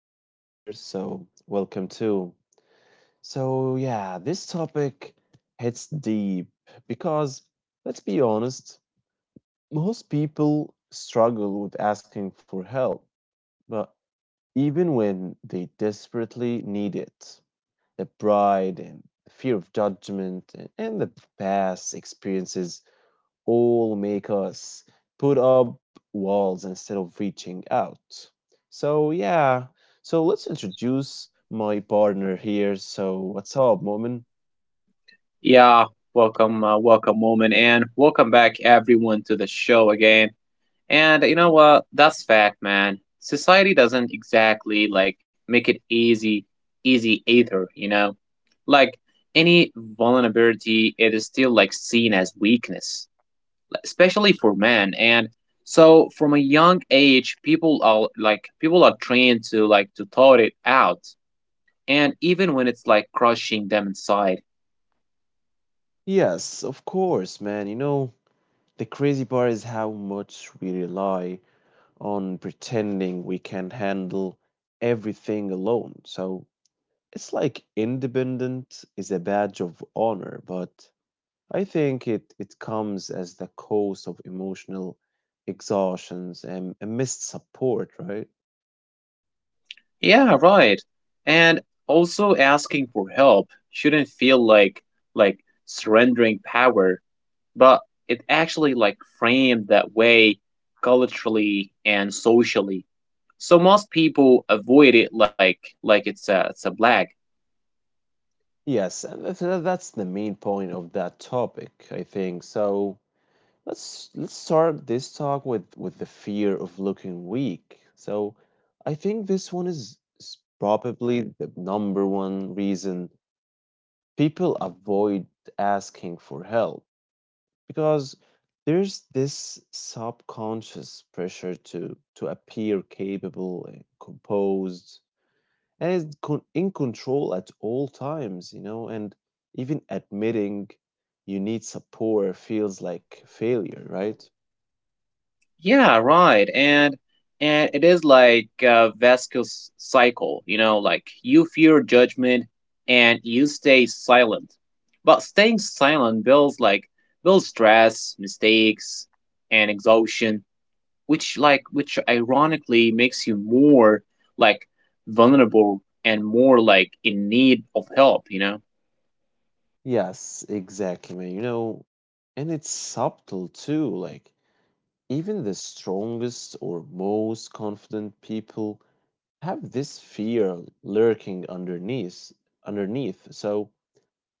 time here, welcome too. This topic hits deep because, let's be honest, most people struggle with asking for help. But even when they desperately need it, the pride and the fear of judgment and the past experiences all make us put up walls instead of reaching out. So, yeah, so let's introduce my partner here. So, what's up, Moment? Yeah, welcome, welcome, woman, and welcome back, everyone, to the show again. And you know what? That's fact, man. Society doesn't exactly like make it easy either. You know, like any vulnerability, it is still like seen as weakness, like, especially for men. And so, from a young age, people are trained to like to thought it out, and even when it's like crushing them inside. Yes, of course, man. You know, the crazy part is how much we rely on pretending we can handle everything alone. So, it's like independent is a badge of honor, but I think it comes as the cause of emotional exhaustions and missed support, right? Yeah, right. And also asking for help shouldn't feel like like surrendering power, but it actually like framed that way culturally and socially. So most people avoid it like it's a black. Yes, and that's the main point of that topic, I think. So let's start this talk with the fear of looking weak. So I think this one is probably the number one reason people avoid asking for help because there's this subconscious pressure to appear capable and composed and in control at all times, you know. And even admitting you need support feels like failure, right? Yeah, right. And it is like a Vasquez cycle, you know, like you fear judgment and you stay silent. But staying silent builds stress, mistakes, and exhaustion, which ironically makes you more like vulnerable and more like in need of help, you know? Yes, exactly, man. You know, and it's subtle too. Like, even the strongest or most confident people have this fear lurking underneath. So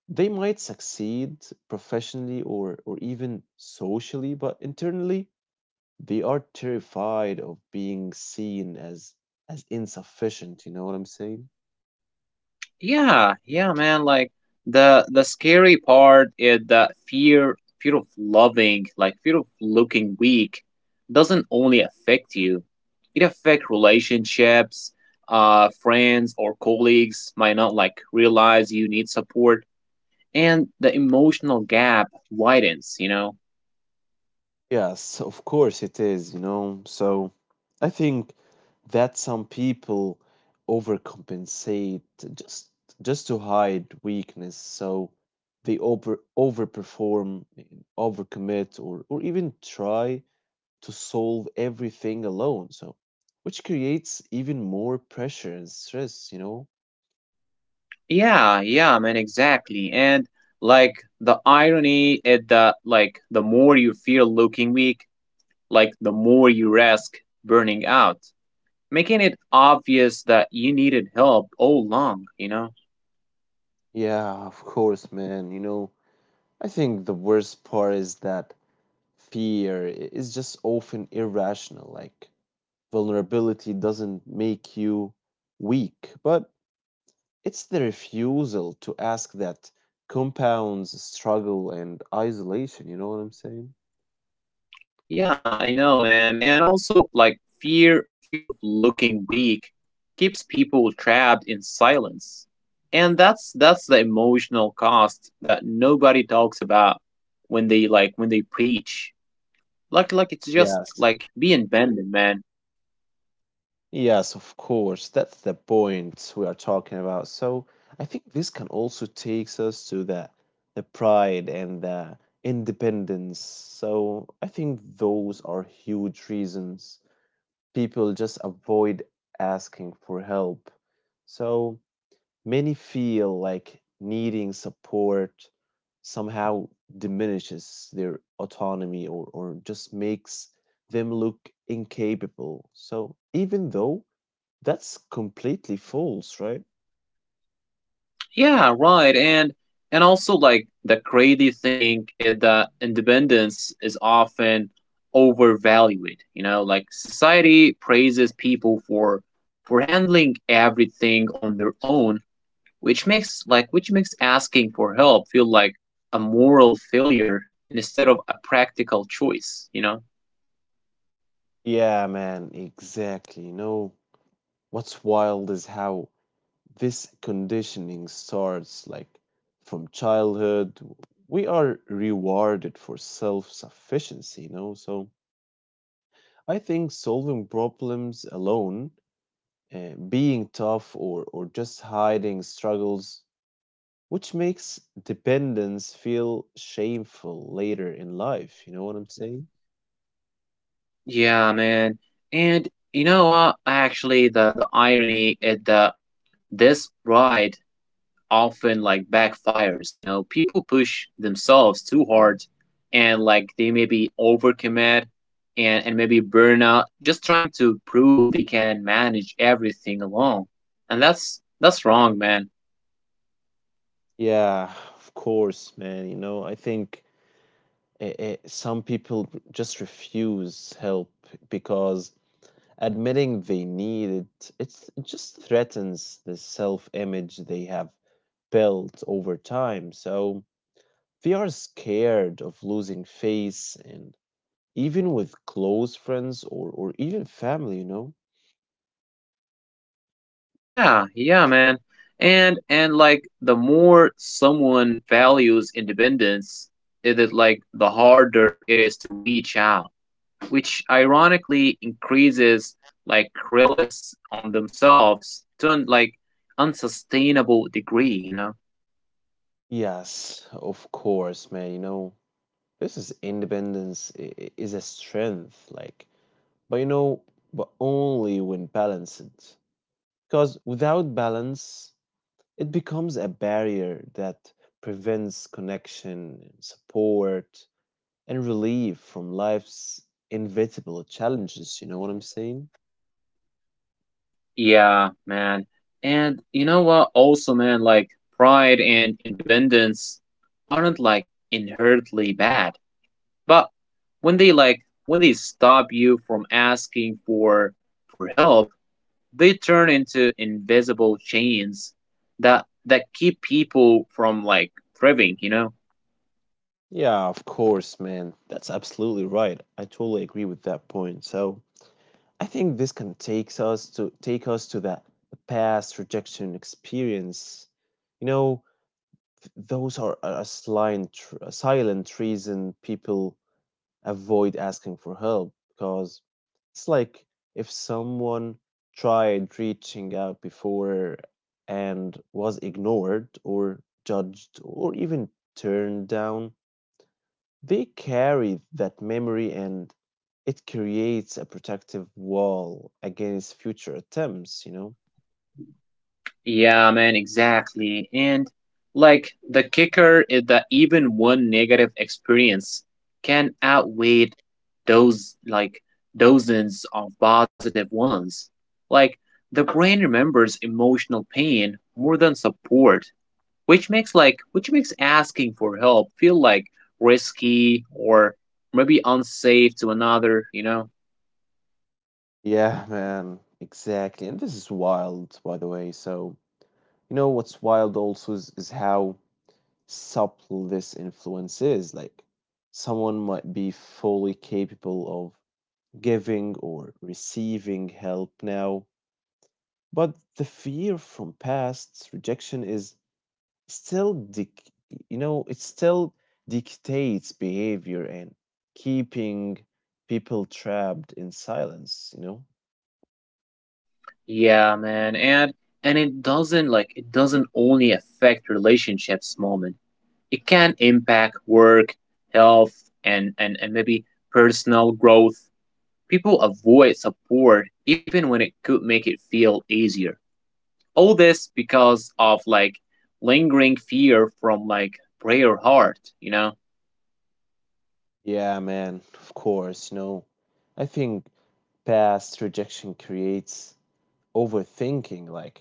they might succeed professionally or even socially, but internally they are terrified of being seen as insufficient, you know what I'm saying? Yeah, yeah, man. Like the scary part is that fear of loving, like fear of looking weak, doesn't only affect you. It affects relationships, friends or colleagues might not like realize you need support, and the emotional gap widens. You know. Yes, of course it is, you know. So I think that some people overcompensate just just to hide weakness. So they overperform, overcommit, or even try to solve everything alone. So, which creates even more pressure and stress, you know? Yeah, yeah, man. Exactly, and like the irony is that like the more you feel looking weak like the more you risk burning out, making it obvious that you needed help all along, you know? Yeah, of course, man. You know, I think the worst part is that is just often irrational. Like, vulnerability doesn't make you weak, but it's the refusal to ask that compounds struggle and isolation. You know what I'm saying? Yeah, I know, man. And also, like, fear of looking weak keeps people trapped in silence. And that's the emotional cost that nobody talks about when they like when they preach. Like it's just Yes. like being abandoned, man. Yes, of course. That's the point we are talking about. So I think this can also takes us to the pride and the independence. So I think those are huge reasons people just avoid asking for help. So many feel like needing support somehow diminishes their autonomy, or just makes them look incapable. So even though that's completely false, right? Yeah, right. And also like the crazy thing is that independence is often overvalued. You know, like society praises people for handling everything on their own, which makes asking for help feel like a moral failure instead of a practical choice, you know? Yeah, man, exactly. You know, what's wild is how this conditioning starts, like from childhood. We are rewarded for self sufficiency, you know? So I think solving problems alone, being tough, or just hiding struggles, which makes dependence feel shameful later in life. You know what I'm saying? Yeah, man. And you know what? Actually the irony is that this pride often like backfires, you know, people push themselves too hard, and like they maybe overcommit, and maybe burn out just trying to prove they can manage everything alone, and that's wrong, man. Yeah, of course, man. You know, I think some people just refuse help because admitting they need it just threatens the self-image they have built over time. So they are scared of losing face, and even with close friends, or even family, you know? Yeah, yeah, man. And like the more someone values independence, it is like the harder it is to reach out, which ironically increases like reliance on themselves to an like unsustainable degree, you know? Yes, of course, man. You know, this is independence is a strength. Like, but you know, but only when balanced. Because without balance, it becomes a barrier that prevents connection, support, and relief from life's inevitable challenges. You know what I'm saying? Yeah, man. And you know what? Also, man, like pride and independence aren't like inherently bad, but when they stop you from asking for help, they turn into invisible chains that keep people from like thriving, you know? Yeah, of course, man. That's absolutely right. I totally agree with that point. So I think this can take us to that past rejection experience. You know, those are a silent reason people avoid asking for help, because it's like if someone tried reaching out before and was ignored or judged or even turned down, they carry that memory and it creates a protective wall against future attempts, you know? Yeah, man, exactly. And like the kicker is that even one negative experience can outweigh those like dozens of positive ones. Like the brain remembers emotional pain more than support, which makes asking for help feel like risky or maybe unsafe to another, you know? Yeah, man, exactly. And this is wild, by the way. So you know what's wild also is how subtle this influence is. Like, someone might be fully capable of giving or receiving help now, but the fear from past rejection is still, dic- you know, it still dictates behavior and keeping people trapped in silence, you know? Yeah, man. And it doesn't only affect relationships, moment. It can impact work, health, and maybe personal growth. People avoid support even when it could make it feel easier. All this because of like lingering fear from like prayer heart, you know? Yeah, man, of course, you know. I think past rejection creates overthinking. Like,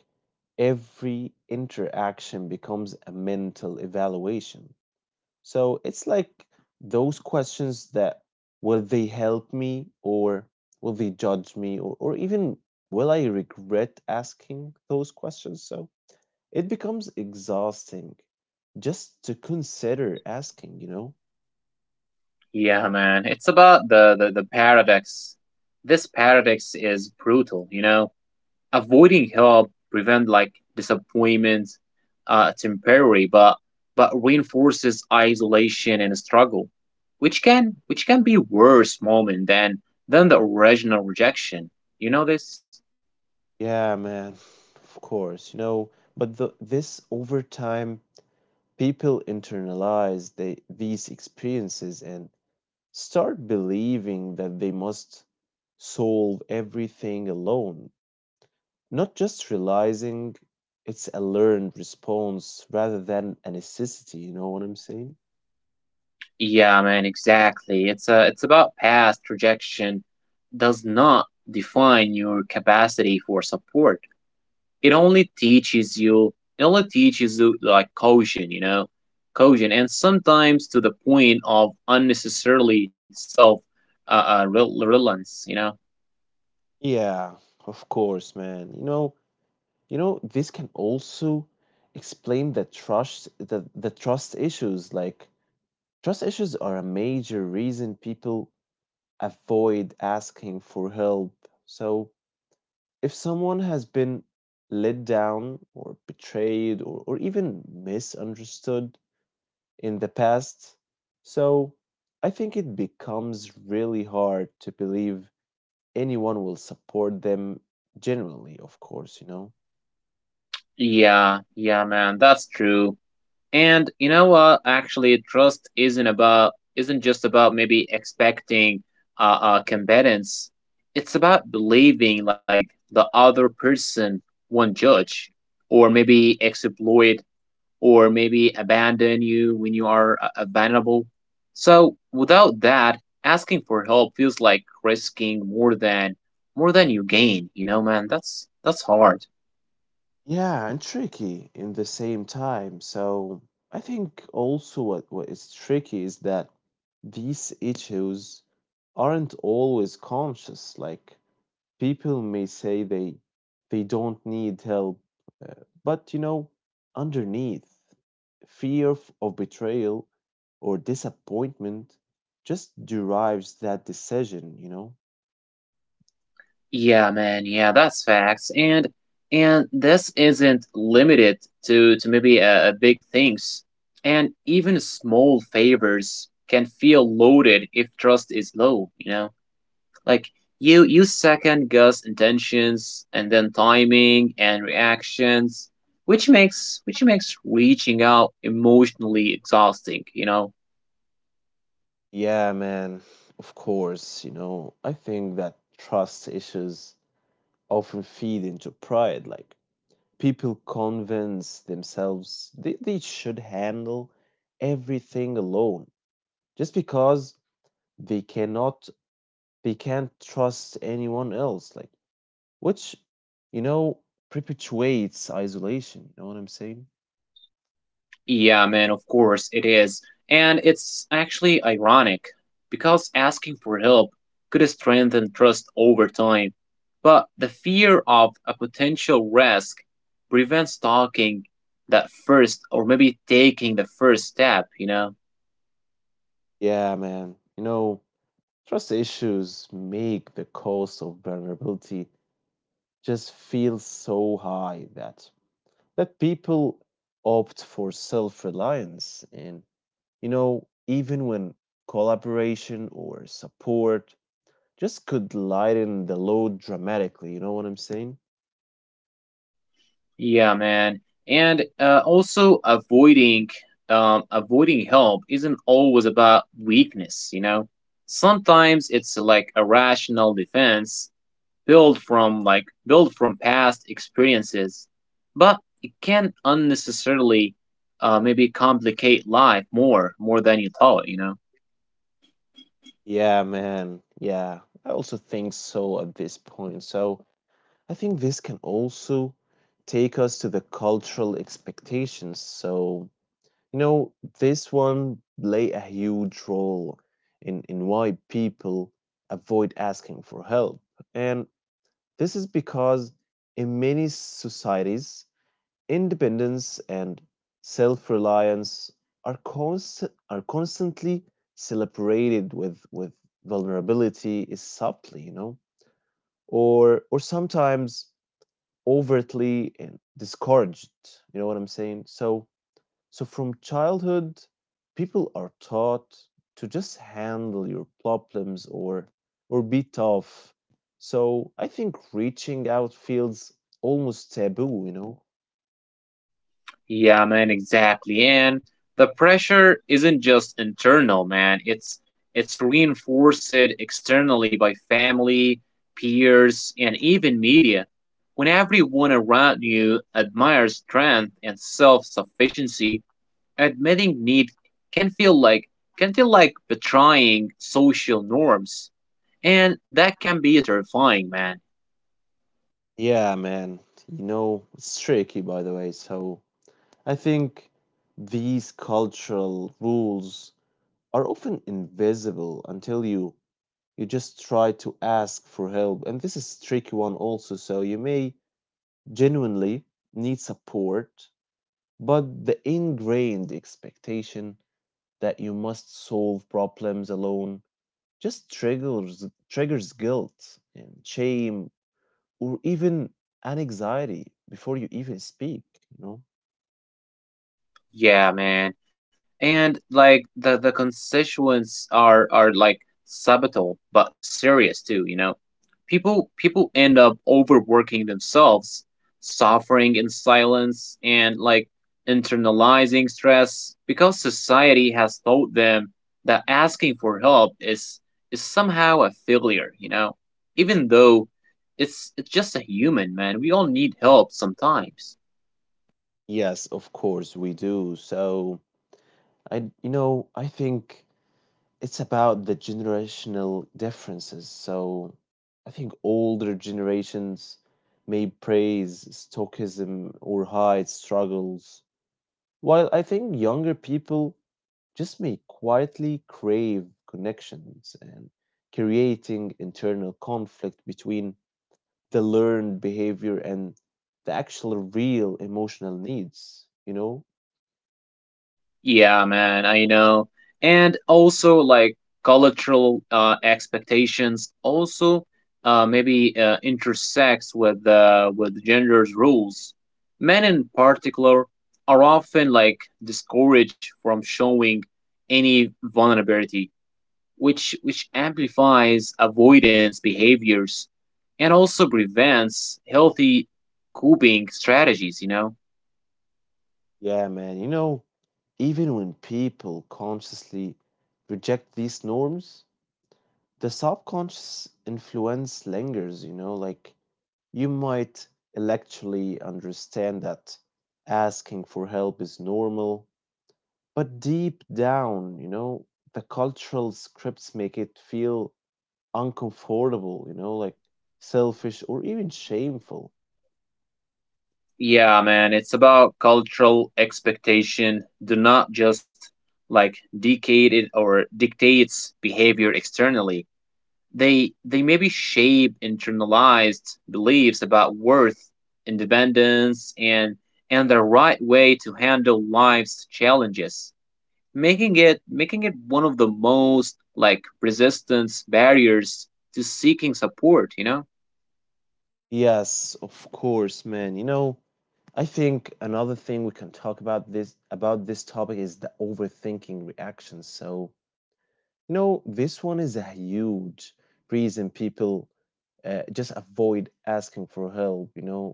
every interaction becomes a mental evaluation, so it's like those questions that, will they help me, or will they judge me, or even will I regret asking those questions? So it becomes exhausting just to consider asking, you know. Yeah, man. It's about the paradox. This paradox is brutal, you know? Avoiding help prevent like disappointments, temporary, but reinforces isolation and struggle, which can be worse, moment, than the original rejection, you know this. Yeah, man, of course, you know. But this, over time, people internalize these experiences and start believing that they must solve everything alone, not just realizing it's a learned response rather than a necessity, you know what I'm saying? Yeah, man, exactly. It's about past rejection, does not define your capacity for support. It only teaches you like caution, you know, caution, and sometimes to the point of unnecessarily self uh, uh rel- you know. Yeah, of course, man. You know, this can also explain the trust issues. Like, trust issues are a major reason people avoid asking for help. So if someone has been let down or betrayed, or even misunderstood in the past, so I think it becomes really hard to believe anyone will support them generally, of course, you know? Yeah, yeah, man, that's true. And you know what? Actually trust isn't about isn't just about maybe expecting combatants. It's about believing like the other person won't judge, or maybe exploit, or maybe abandon you when you are abandonable. So without that, asking for help feels like risking more than you gain. You know, man, that's hard. Yeah, and tricky in the same time. So I think also what is tricky is that these issues aren't always conscious. Like, people may say they don't need help, uh, but you know, underneath, fear of betrayal or disappointment just derives that decision, you know? Yeah, man, yeah, that's facts. And this isn't limited to maybe big things. And even small favors can feel loaded if trust is low. You know. Like you second guess intentions and then timing and reactions, which makes reaching out emotionally exhausting, you know? Yeah, man, of course, you know, I think that trust issues often feed into pride. Like, people convince themselves they should handle everything alone just because they cannot they can't trust anyone else, like, which, you know, perpetuates isolation, you know what I'm saying? Yeah, man, of course it is. And it's actually ironic because asking for help could strengthen trust over time. But the fear of a potential risk prevents talking that first, or maybe taking the first step, you know? Yeah, man, you know, trust issues make the cost of vulnerability just feel so high that people opt for self-reliance, and you know, even when collaboration or support just could lighten the load dramatically, you know what I'm saying? Yeah, man. And also avoiding avoiding help isn't always about weakness, you know. Sometimes it's like a rational defense built from past experiences, but it can unnecessarily maybe complicate life more than you thought, you know. Yeah, man. Yeah, I also think so at this point. So I think this can also take us to the cultural expectations. So, you know, this one play a huge role in why people avoid asking for help. And this is because in many societies, independence and self reliance are, const- are constantly celebrated, with vulnerability is subtly, you know, or sometimes overtly and discouraged. You know what I'm saying? So from childhood, people are taught to just handle your problems, or be tough. So I think reaching out feels almost taboo, you know. Yeah, man, exactly. And the pressure isn't just internal, man. It's reinforced externally by family, peers, and even media. When everyone around you admires strength and self-sufficiency, admitting need can feel like can feel like betraying social norms, and that can be terrifying, man. Yeah, man. You know, it's tricky, by the way. So I think these cultural rules are often invisible until you just try to ask for help. And this is tricky one also. So you may genuinely need support, but the ingrained expectation that you must solve problems alone just triggers guilt and shame or even an anxiety before you even speak, you know. Yeah, man. And like the constituents are like subtle but serious too, you know. People end up overworking themselves, suffering in silence, and like internalizing stress because society has taught them that asking for help is somehow a failure, you know. Even though it's just a human, man. We all need help sometimes. Yes, of course we do. So I, you know, I think it's about the generational differences. So I think older generations may praise stoicism or hide struggles, while I think younger people just may quietly crave connections and creating internal conflict between the learned behavior and the actual real emotional needs, you know? Yeah, man, I know. And also like cultural expectations also maybe intersects with gender's rules. Men in particular are often like discouraged from showing any vulnerability, which amplifies avoidance behaviors and also prevents healthy coping strategies, you know? Yeah, man, you know, even when people consciously reject these norms, the subconscious influence lingers, you know? Like, you might intellectually understand that asking for help is normal, but deep down, you know, the cultural scripts make it feel uncomfortable, you know, like selfish or even shameful. Yeah, man, it's about cultural expectation. Do not just like dictate it or dictates behavior externally. They maybe shape internalized beliefs about worth, independence, and the right way to handle life's challenges, making it one of the most like resistance barriers to seeking support. You know. Yes, of course, man. You know, I think another thing we can talk about this topic is the overthinking reaction. So, you know, this one is a huge reason people just avoid asking for help, you know,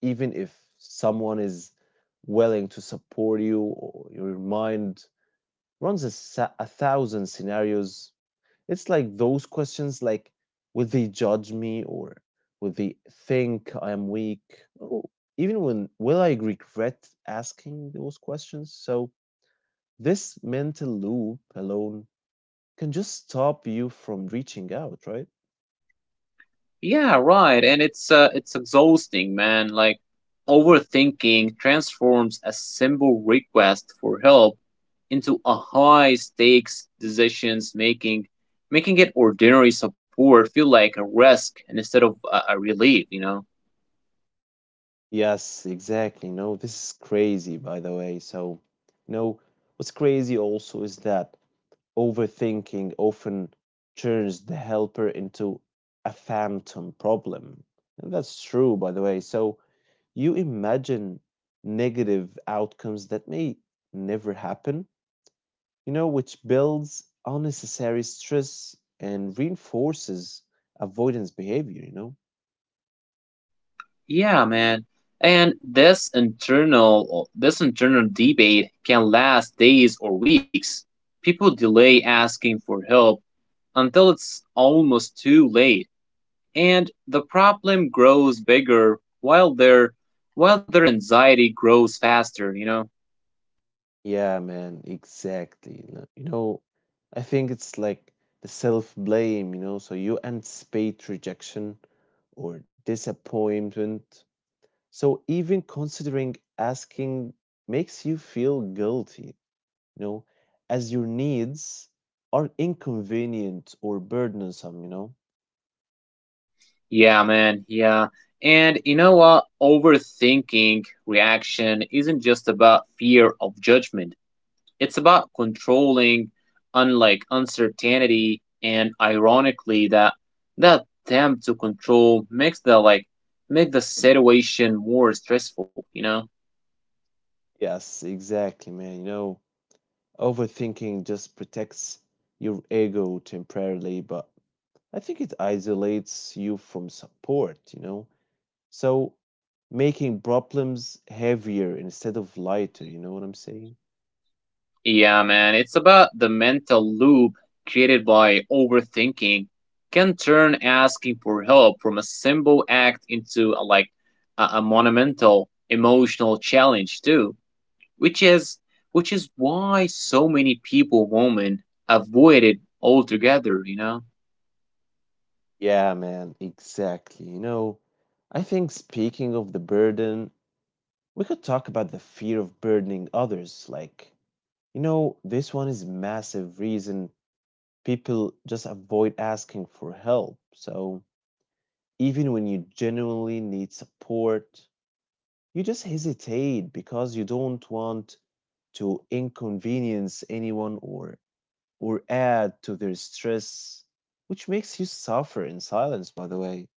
even if someone is willing to support you, or your mind runs a thousand scenarios. It's like those questions, like, will they judge me, or will they think I am weak, or even when will I regret asking those questions? So this mental loop alone can just stop you from reaching out, right? Yeah, right. And it's exhausting, man. Like overthinking transforms a simple request for help into a high stakes decisions making, making it ordinary support feel like a risk instead of a relief. You know? Yes, exactly. No, this is crazy by the way. So, you know, what's crazy also is that overthinking often turns the helper into a phantom problem. And that's true, by the way. So you imagine negative outcomes that may never happen, you know, which builds unnecessary stress and reinforces avoidance behavior, you know? Yeah, man. And this internal debate can last days or weeks. People delay asking for help until it's almost too late, and the problem grows bigger while their anxiety grows faster, you know. Yeah, man, exactly. You know, I think it's like the self blame, you know, so you anticipate rejection or disappointment. So even considering asking makes you feel guilty, you know, as your needs are inconvenient or burdensome, you know? Yeah, man, yeah. And you know what? Overthinking reaction isn't just about fear of judgment. It's about controlling unlike uncertainty, and ironically that attempt to control make the situation more stressful, you know. Yes, exactly, man. You know, overthinking just protects your ego temporarily, but I think it isolates you from support, you know? So making problems heavier instead of lighter, you know what I'm saying? Yeah, man, it's about the mental loop created by overthinking, can turn asking for help from a simple act into a monumental emotional challenge too, which is which is why so many people women avoid it altogether, you know? Yeah, man, exactly. You know, I think speaking of the burden, we could talk about the fear of burdening others. Like, you know, this one is massive reason people just avoid asking for help. So, even when you genuinely need support, you just hesitate because you don't want to inconvenience anyone, or add to their stress, which makes you suffer in silence, by the way.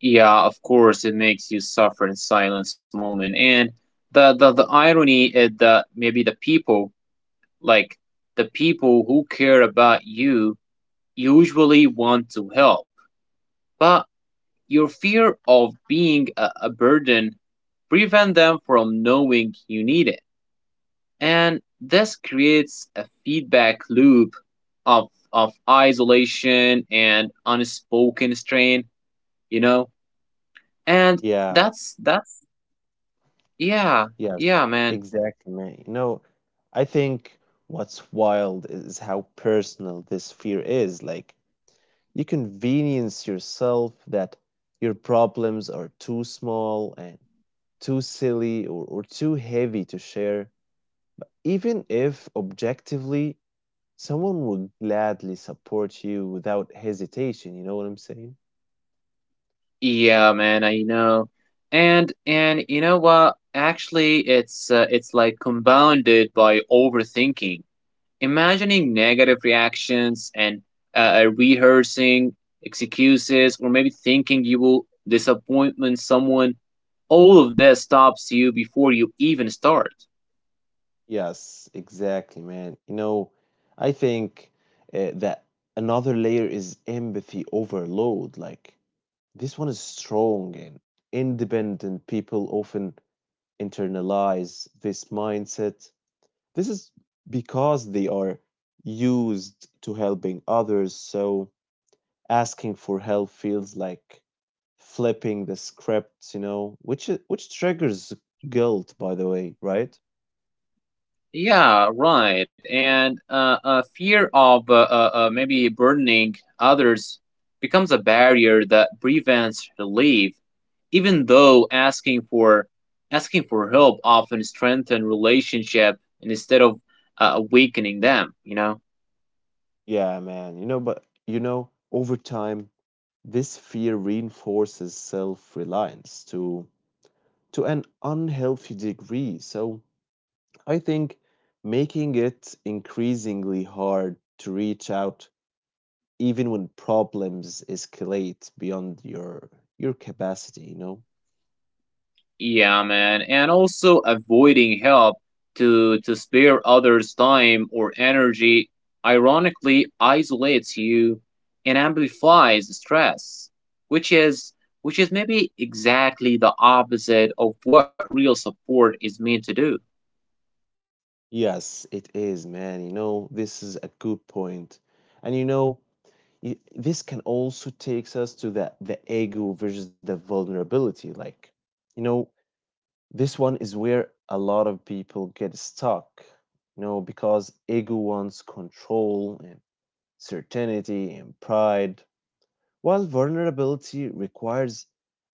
Yeah, of course it makes you suffer in silence, moment. And the irony is that maybe the people like the people who care about you usually want to help, but your fear of being a burden prevent them from knowing you need it. And this creates a feedback loop of isolation and unspoken strain, you know? And Yeah. that's yeah, Yes, yeah, man. exactly, man. You know, I think what's wild is how personal this fear is. Like, you convenience yourself that your problems are too small and too silly, or too heavy to share, even if objectively someone would gladly support you without hesitation. You know what I'm saying? Yeah, man, I know. And you know what? Actually, it's like compounded by overthinking. Imagining negative reactions and rehearsing excuses, or maybe thinking you will disappointment someone, all of this stops you before you even start. Yes, exactly, man. You know, I think that another layer is empathy overload. Like, this one is strong and independent. People often internalize this mindset. This is because they are used to helping others. So, asking for help feels like flipping the script, you know, which triggers guilt, by the way, right? Yeah, right. And fear of maybe burdening others becomes a barrier that prevents relief, even though asking for help often strengthens relationship instead of weakening them. You know. Yeah, man. You know, but you know, over time, this fear reinforces self-reliance to an unhealthy degree. So I think making it increasingly hard to reach out even when problems escalate beyond your capacity, you know? Yeah, man. And also avoiding help to spare others time or energy ironically isolates you and amplifies stress, which is which is maybe exactly the opposite of what real support is meant to do. Yes, it is, man. You know, this is a good point. And you know, this can also takes us to the ego versus the vulnerability. Like, you know, this one is where a lot of people get stuck, you know, because ego wants control and certainty and pride, while vulnerability requires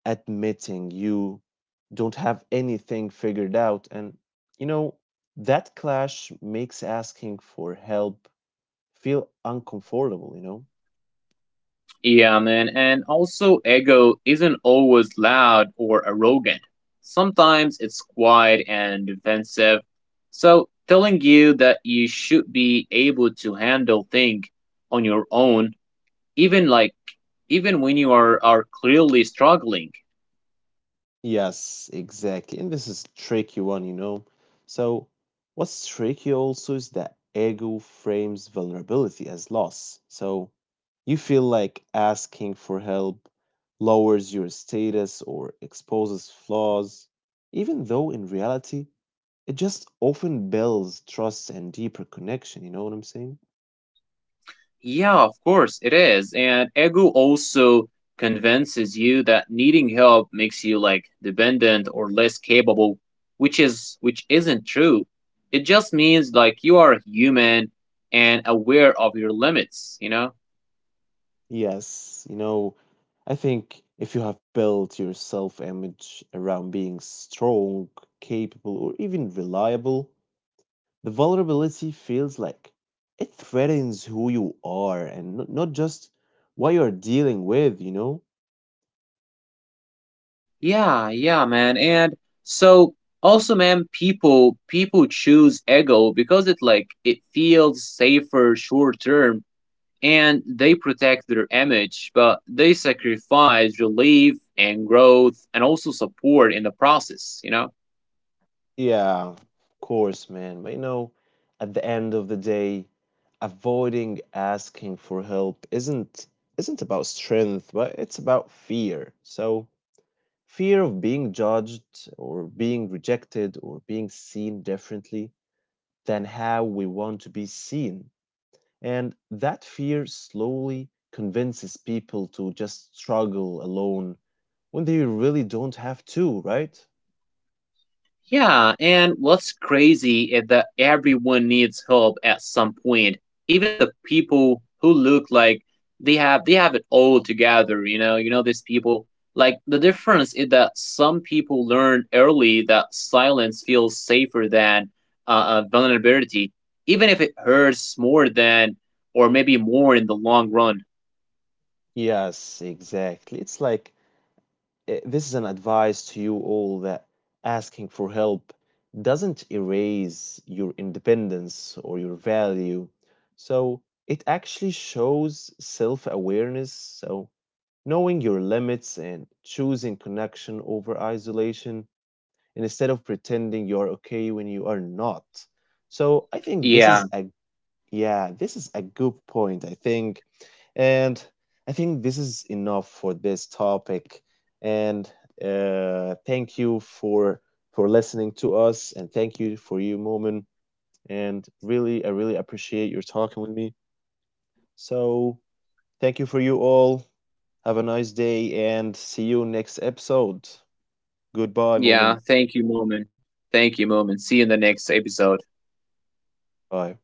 admitting you don't have anything figured out, and you know, that clash makes asking for help feel uncomfortable, you know. Yeah, man. And also, ego isn't always loud or arrogant. Sometimes it's quiet and defensive. So, telling you that you should be able to handle things on your own, even like even when are clearly struggling. Yes, exactly. And this is tricky one, you know. So what's tricky also is that ego frames vulnerability as loss. So you feel like asking for help lowers your status or exposes flaws, even though in reality it just often builds trust and deeper connection, you know what I'm saying? Yeah, of course it is. And ego also convinces you that needing help makes you like dependent or less capable, which isn't true. It just means like you are human and aware of your limits, you know? Yes, you know, I think if you have built your self image around being strong, capable, or even reliable, the vulnerability feels like it threatens who you are and not just what you're dealing with, you know? Yeah, yeah, man. And so also, man, people choose ego because it feels safer short term, and they protect their image, but they sacrifice relief and growth and also support in the process, you know? Yeah, of course, man. But you know, at the end of the day, avoiding asking for help isn't about strength, but it's about fear. So fear of being judged or being rejected or being seen differently than how we want to be seen. And that fear slowly convinces people to just struggle alone when they really don't have to, right? Yeah, and what's crazy is that everyone needs help at some point. Even the people who look like they have it all together, you know these people. Like the difference is that some people learn early that silence feels safer than vulnerability, even if it hurts more than or maybe more in the long run. Yes, exactly. It's like this is an advice to you all that asking for help doesn't erase your independence or your value. So it actually shows self awareness. So knowing your limits and choosing connection over isolation instead of pretending you're okay when you are not. So I think this Yeah, is a yeah, this is a good point, I think. And I think this is enough for this topic. And thank you for listening to us, and thank you for you, Moment. And really, I really appreciate your talking with me. So thank you for you all. Have a nice day and see you next episode. Goodbye, Moment. yeah. Thank you, Moment. Thank you, Moment. See you in the next episode. Bye.